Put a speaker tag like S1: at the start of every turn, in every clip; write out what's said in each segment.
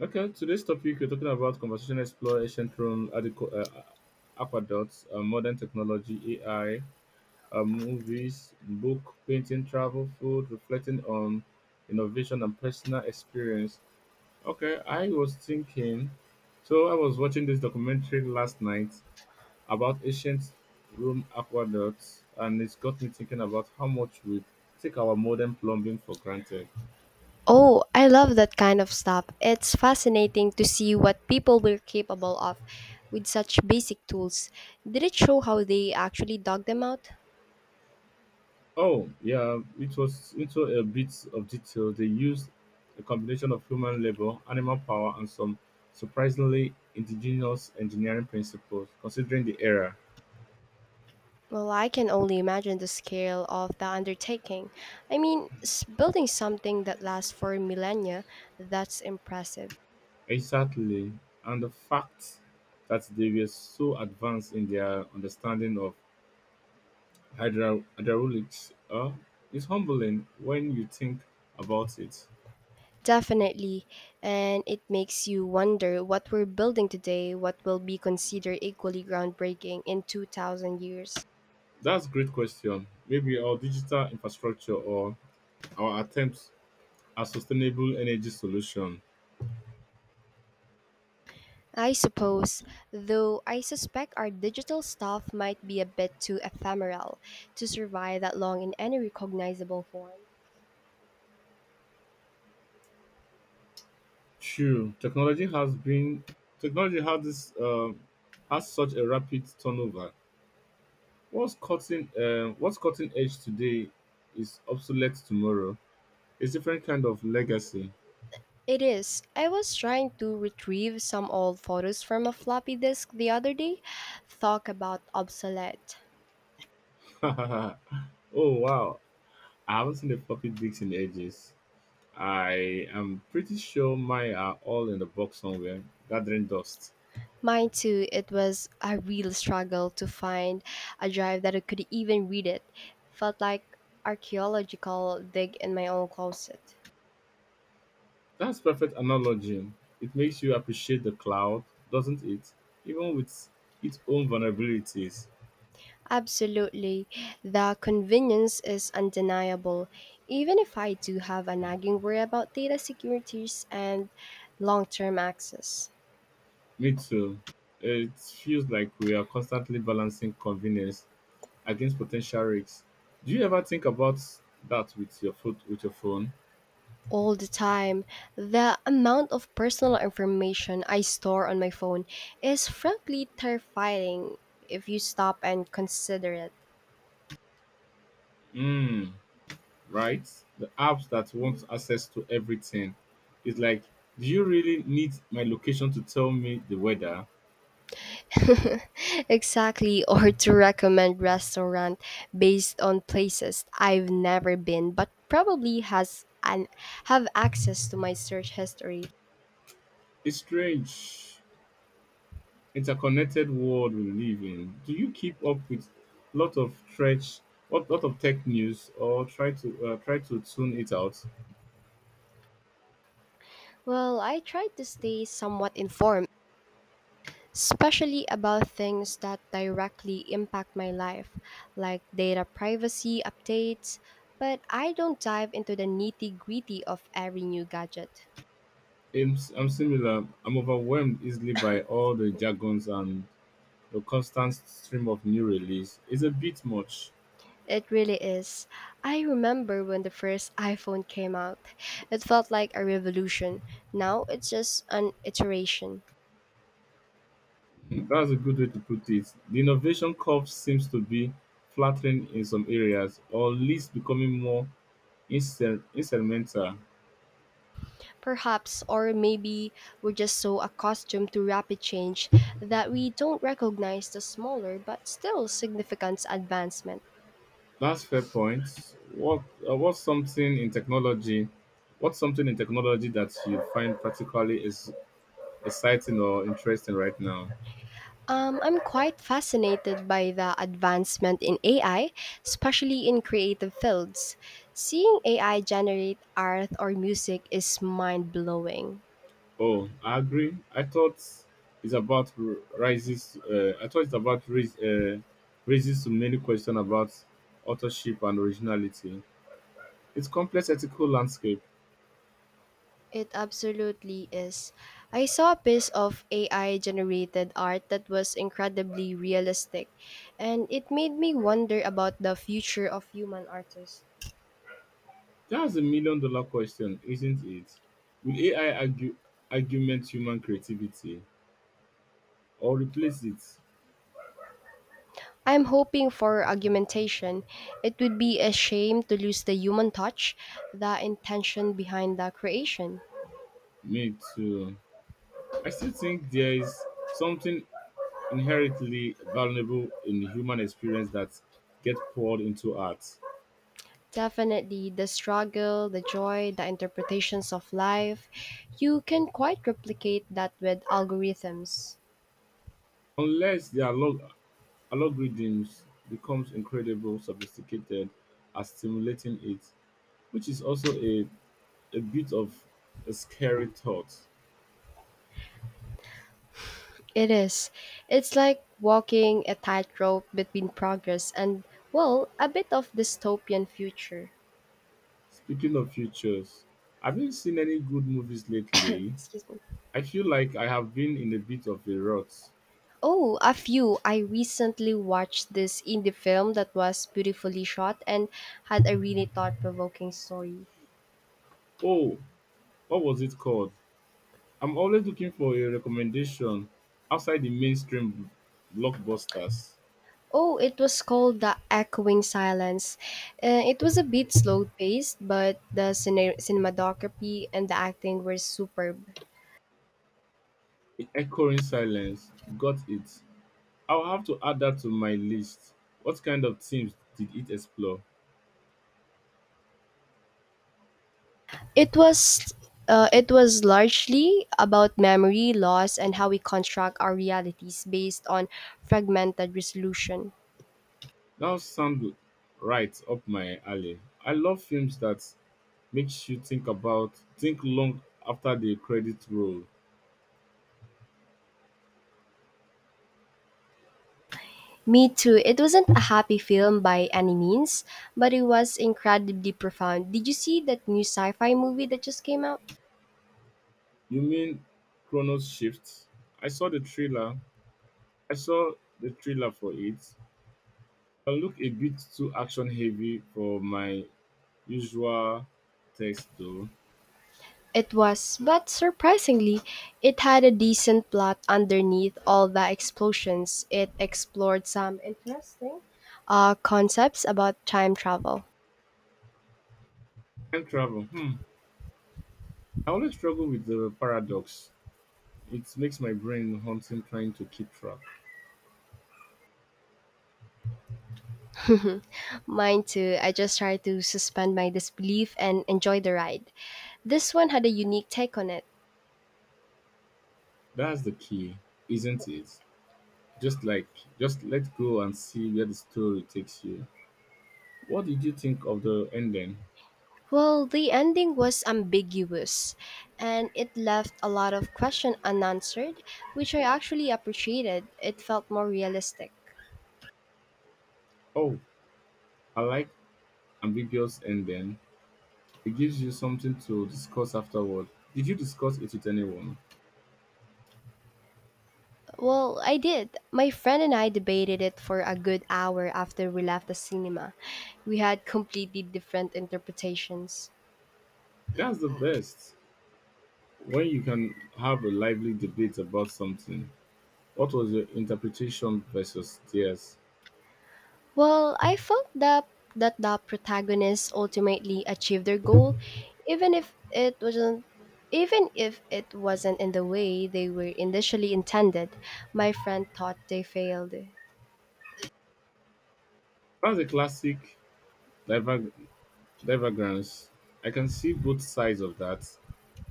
S1: Okay, today's topic we're talking about conversation explore ancient Rome, aqueducts, modern technology, AI, movies, book, painting, travel, food, reflecting on innovation and personal experience. Okay, I was thinking. So I was watching this documentary last night about ancient Rome aqueducts, and it's got me thinking about how much we take our modern plumbing for granted.
S2: Oh, I love that kind of stuff. It's fascinating to see what people were capable of with such basic tools. Did it show how they actually dug them out?
S1: Oh, yeah, it was into a bit of detail. They used a combination of human labor, animal power, and some surprisingly indigenous engineering principles, considering the era.
S2: Well, I can only imagine the scale of the undertaking. I mean, building something that lasts for millennia, that's impressive.
S1: Exactly, and the fact that they were so advanced in their understanding of hydraulics is humbling when you think about it.
S2: Definitely. And it makes you wonder what we're building today, what will be considered equally groundbreaking in 2,000 years.
S1: That's a great question. Maybe our digital infrastructure or our attempts at sustainable energy solution.
S2: I suppose, though I suspect our digital stuff might be a bit too ephemeral to survive that long in any recognizable form.
S1: True, technology has this has such a rapid turnover. What's cutting edge today is obsolete tomorrow. It's different kind of legacy.
S2: It is. I was trying to retrieve some old photos from a floppy disk the other day. Talk about obsolete.
S1: Oh, wow, I haven't seen the floppy disks in ages. I am pretty sure mine are all in the box somewhere, gathering dust.
S2: Mine too, it was a real struggle to find a drive that I could even read it. Felt like archaeological dig in my own closet.
S1: That's perfect analogy. It makes you appreciate the cloud, doesn't it? Even with its own vulnerabilities.
S2: Absolutely. The convenience is undeniable, even if I do have a nagging worry about data securities and long term access.
S1: Me too. It feels like we are constantly balancing convenience against potential risks. Do you ever think about that with your phone?
S2: All the time, the amount of personal information I store on my phone is frankly terrifying if you stop and consider it.
S1: Mm, right. The apps that want access to everything. It's like, do you really need my location to tell me the weather?
S2: Exactly, or to recommend restaurant based on places I've never been but probably has an have access to my search history.
S1: It's strange. Interconnected world we live in. Do you keep up with lot of stretch, lot of tech news, or try to try to tune it out?
S2: Well, I try to stay somewhat informed, especially about things that directly impact my life, like data privacy updates, but I don't dive into the nitty-gritty of every new gadget.
S1: I'm similar. I'm overwhelmed easily by all the jargons and the constant stream of new release. It's a bit much.
S2: It really is. I remember when the first iPhone came out. It felt like a revolution. Now it's just an iteration.
S1: That's a good way to put it. The innovation curve seems to be flattering in some areas, or at least becoming more incidental.
S2: Perhaps, or maybe we're just so accustomed to rapid change that we don't recognize the smaller but still significant advancement.
S1: That's fair point. What what's something in technology? What's something in technology that you find particularly is exciting or interesting right now?
S2: I'm quite fascinated by the advancement in AI, especially in creative fields. Seeing AI generate art or music is mind blowing.
S1: Oh, I agree. I thought it's about r- rises. I thought it's about raise, raises so many questions about authorship and originality. It's complex ethical landscape.
S2: It absolutely is. I saw a piece of AI generated art that was incredibly realistic, and it made me wonder about the future of human artists.
S1: That's a million dollar question, isn't it? Will AI argue, Argument human creativity or replace it?
S2: I'm hoping for augmentation. It would be a shame to lose the human touch, the intention behind the creation.
S1: Me too. I still think there is something inherently valuable in the human experience that gets poured into art
S2: Definitely the struggle, the joy, the interpretations of life. You can quite replicate that with algorithms.
S1: unless they are algorithms becomes incredible sophisticated at stimulating it, which is also a bit of a scary thought.
S2: It is. It's like walking a tightrope between progress and, well, a bit of dystopian future.
S1: Speaking of futures, have you seen any good movies lately?
S2: Excuse me.
S1: I feel like I have been in a bit of a rut.
S2: Oh, a few. I recently watched this indie film that was beautifully shot and had a really thought provoking story.
S1: Oh, what was it called? I'm always looking for a recommendation outside the mainstream blockbusters.
S2: Oh, it was called The Echoing Silence. It was a bit slow paced, but the cinematography and the acting were superb.
S1: In echoing silence, got it. I'll have to add that to my list. What kind of themes did it explore?
S2: It was it was largely about memory loss and how we construct our realities based on fragmented resolution.
S1: That sound right up my alley. I love films that makes you think long after the credits roll.
S2: Me too. It wasn't a happy film by any means, but it was incredibly profound. Did you see that new sci-fi movie that just came out?
S1: You mean Chronos Shift? I saw the trailer. I saw the trailer for it. Can look a bit too action heavy for my usual taste, though.
S2: It was, but surprisingly, it had a decent plot underneath all the explosions. It explored some interesting concepts about time travel.
S1: Time travel. Hmm. I always struggle with the paradox. It makes my brain hunting trying to keep track.
S2: Mine too. I just tried to suspend my disbelief and enjoy the ride. This one had a unique take on it.
S1: That's the key, isn't it? Just like just let go and see where the story takes you. What did you think of the ending?
S2: Well, the ending was ambiguous and it left a lot of question unanswered, which I actually appreciated. It felt more realistic.
S1: Oh, I like ambiguous ending. It gives you something to discuss afterward. Did you discuss it with anyone?
S2: Well, I did. My friend and I debated it for a good hour after we left the cinema. We had completely different interpretations.
S1: That's the best. When you can have a lively debate about something. What was your interpretation versus theirs?
S2: Well, I felt that the protagonists ultimately achieved their goal, even if it wasn't even if it wasn't in the way they were initially intended. My friend thought they failed.
S1: That's a classic diver- divergence. I can see both sides of that.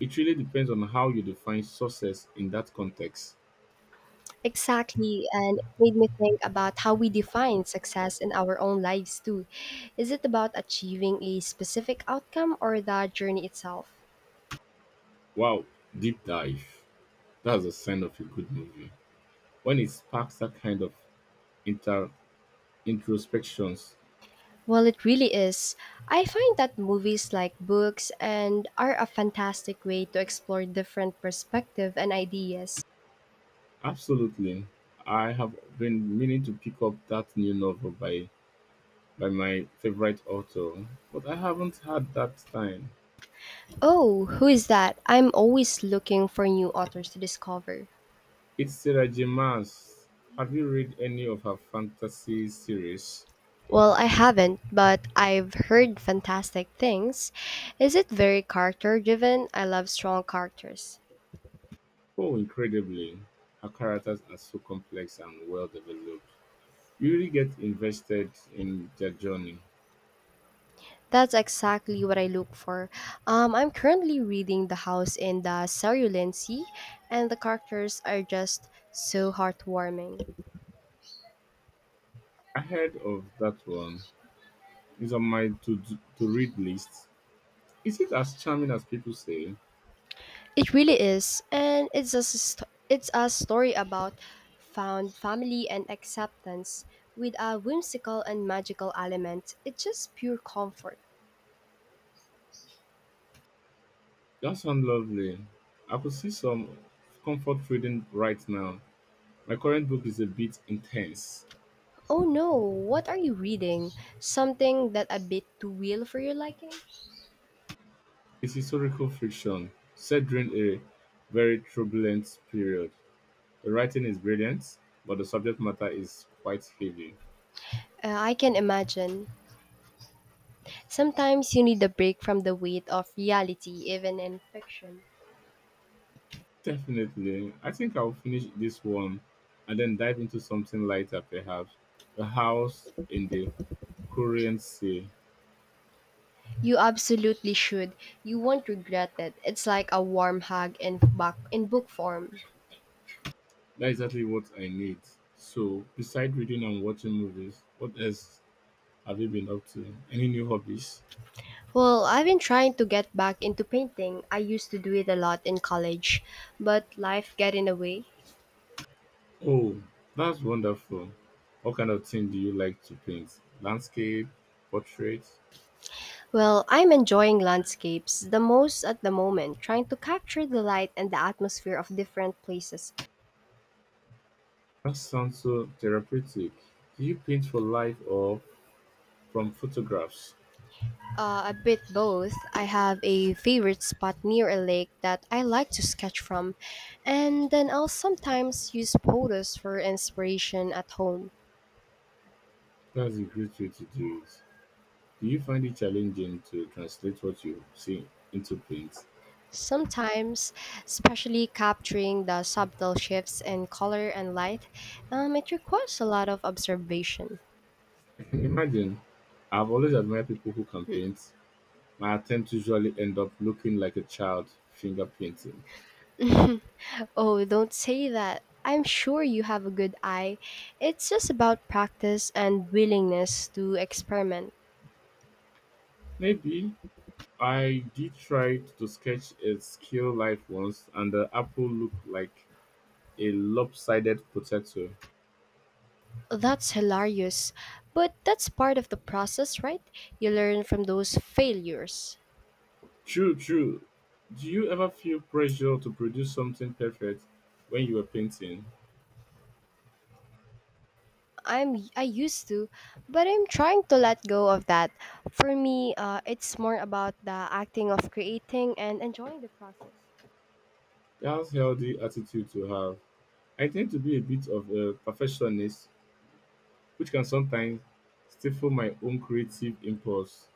S1: It really depends on how you define success in that context.
S2: Exactly, and it made me think about how we define success in our own lives too. Is it about achieving a specific outcome or the journey itself?
S1: Wow, deep dive. That's a sign of a good movie. When it sparks that kind of inter introspections.
S2: Well, it really is. I find that movies like books and are a fantastic way to explore different perspective and ideas.
S1: Absolutely. I have been meaning to pick up that new novel by my favorite author, but I haven't had that time.
S2: Oh, who is that? I'm always looking for new authors to discover.
S1: It's Sarah J. Maas. Have you read any of her fantasy series?
S2: Well, I haven't, but I've heard fantastic things. Is it very character driven? I love strong characters.
S1: Oh, incredibly. Her characters are so complex and well developed. You really get invested in their journey.
S2: That's exactly what I look for. I'm currently reading The House in the Cerulean Sea, and the characters are just so heartwarming.
S1: I heard of that one. It's on my to read list. Is it as charming as people say?
S2: It really is, and it's a story about found family and acceptance with a whimsical and magical element. It's just pure comfort.
S1: That sounds lovely. I could see some comfort reading right now. My current book is a bit intense.
S2: Oh no, what are you reading? Something that a bit too real for your liking?
S1: It's historical fiction set during a very turbulent period. The writing is brilliant, but the subject matter is quite heavy.
S2: I can imagine. Sometimes you need a break from the weight of reality, even in fiction.
S1: Definitely. I think I'll finish this one and then dive into something lighter, perhaps. A house in the Korean Sea.
S2: You absolutely should. You won't regret it. It's like a warm hug in back in book form.
S1: That's exactly what I need. So, besides reading and watching movies, what else have you been up to? Any new hobbies?
S2: Well, I've been trying to get back into painting. I used to do it a lot in college, but life get in the way.
S1: Oh, that's wonderful. What kind of thing do you like to paint? Landscape? Portrait?
S2: Well, I'm enjoying landscapes the most at the moment, trying to capture the light and the atmosphere of different places.
S1: That sounds so therapeutic. Do you paint for life or from photographs?
S2: A bit both. I have a favorite spot near a lake that I like to sketch from, and then I'll sometimes use photos for inspiration at home.
S1: That's a great way to do it. Do you find it challenging to translate what you see into paint?
S2: Sometimes, especially capturing the subtle shifts in color and light, it requires a lot of observation.
S1: Imagine, I've always admired people who can paint. My attempts usually end up looking like a child finger painting.
S2: Oh, don't say that. I'm sure you have a good eye. It's just about practice and willingness to experiment.
S1: Maybe I did try to sketch a skill life once, and the apple looked like a lopsided potato.
S2: That's hilarious, but that's part of the process, right? You learn from those failures.
S1: True, true. Do you ever feel pressure to produce something perfect when you are painting?
S2: I used to, but I'm trying to let go of that. For me, it's more about the acting of creating and enjoying the process.
S1: That's healthy attitude to have. I tend to be a bit of a perfectionist, which can sometimes stifle my own creative impulse.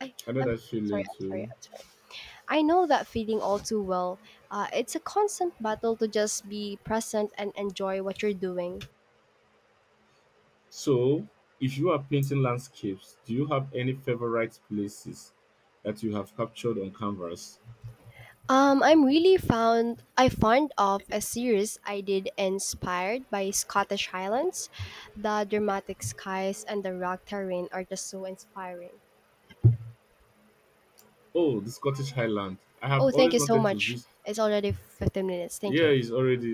S2: I
S1: I know
S2: I'm
S1: that feeling
S2: I'm sorry.
S1: too.
S2: I'm sorry. I know that feeling all too well. It's a constant battle to just be present and enjoy what you're doing.
S1: So, if you are painting landscapes, do you have any favorite places that you have captured on canvas?
S2: I found of a series I did inspired by Scottish Highlands. The dramatic skies and the rock terrain are just so inspiring.
S1: Oh, the Scottish Highland. I have
S2: Oh, thank
S1: always
S2: you so
S1: wanted to
S2: much.
S1: visit.
S2: It's already 15 minutes. Thank
S1: Yeah,
S2: you.
S1: it's already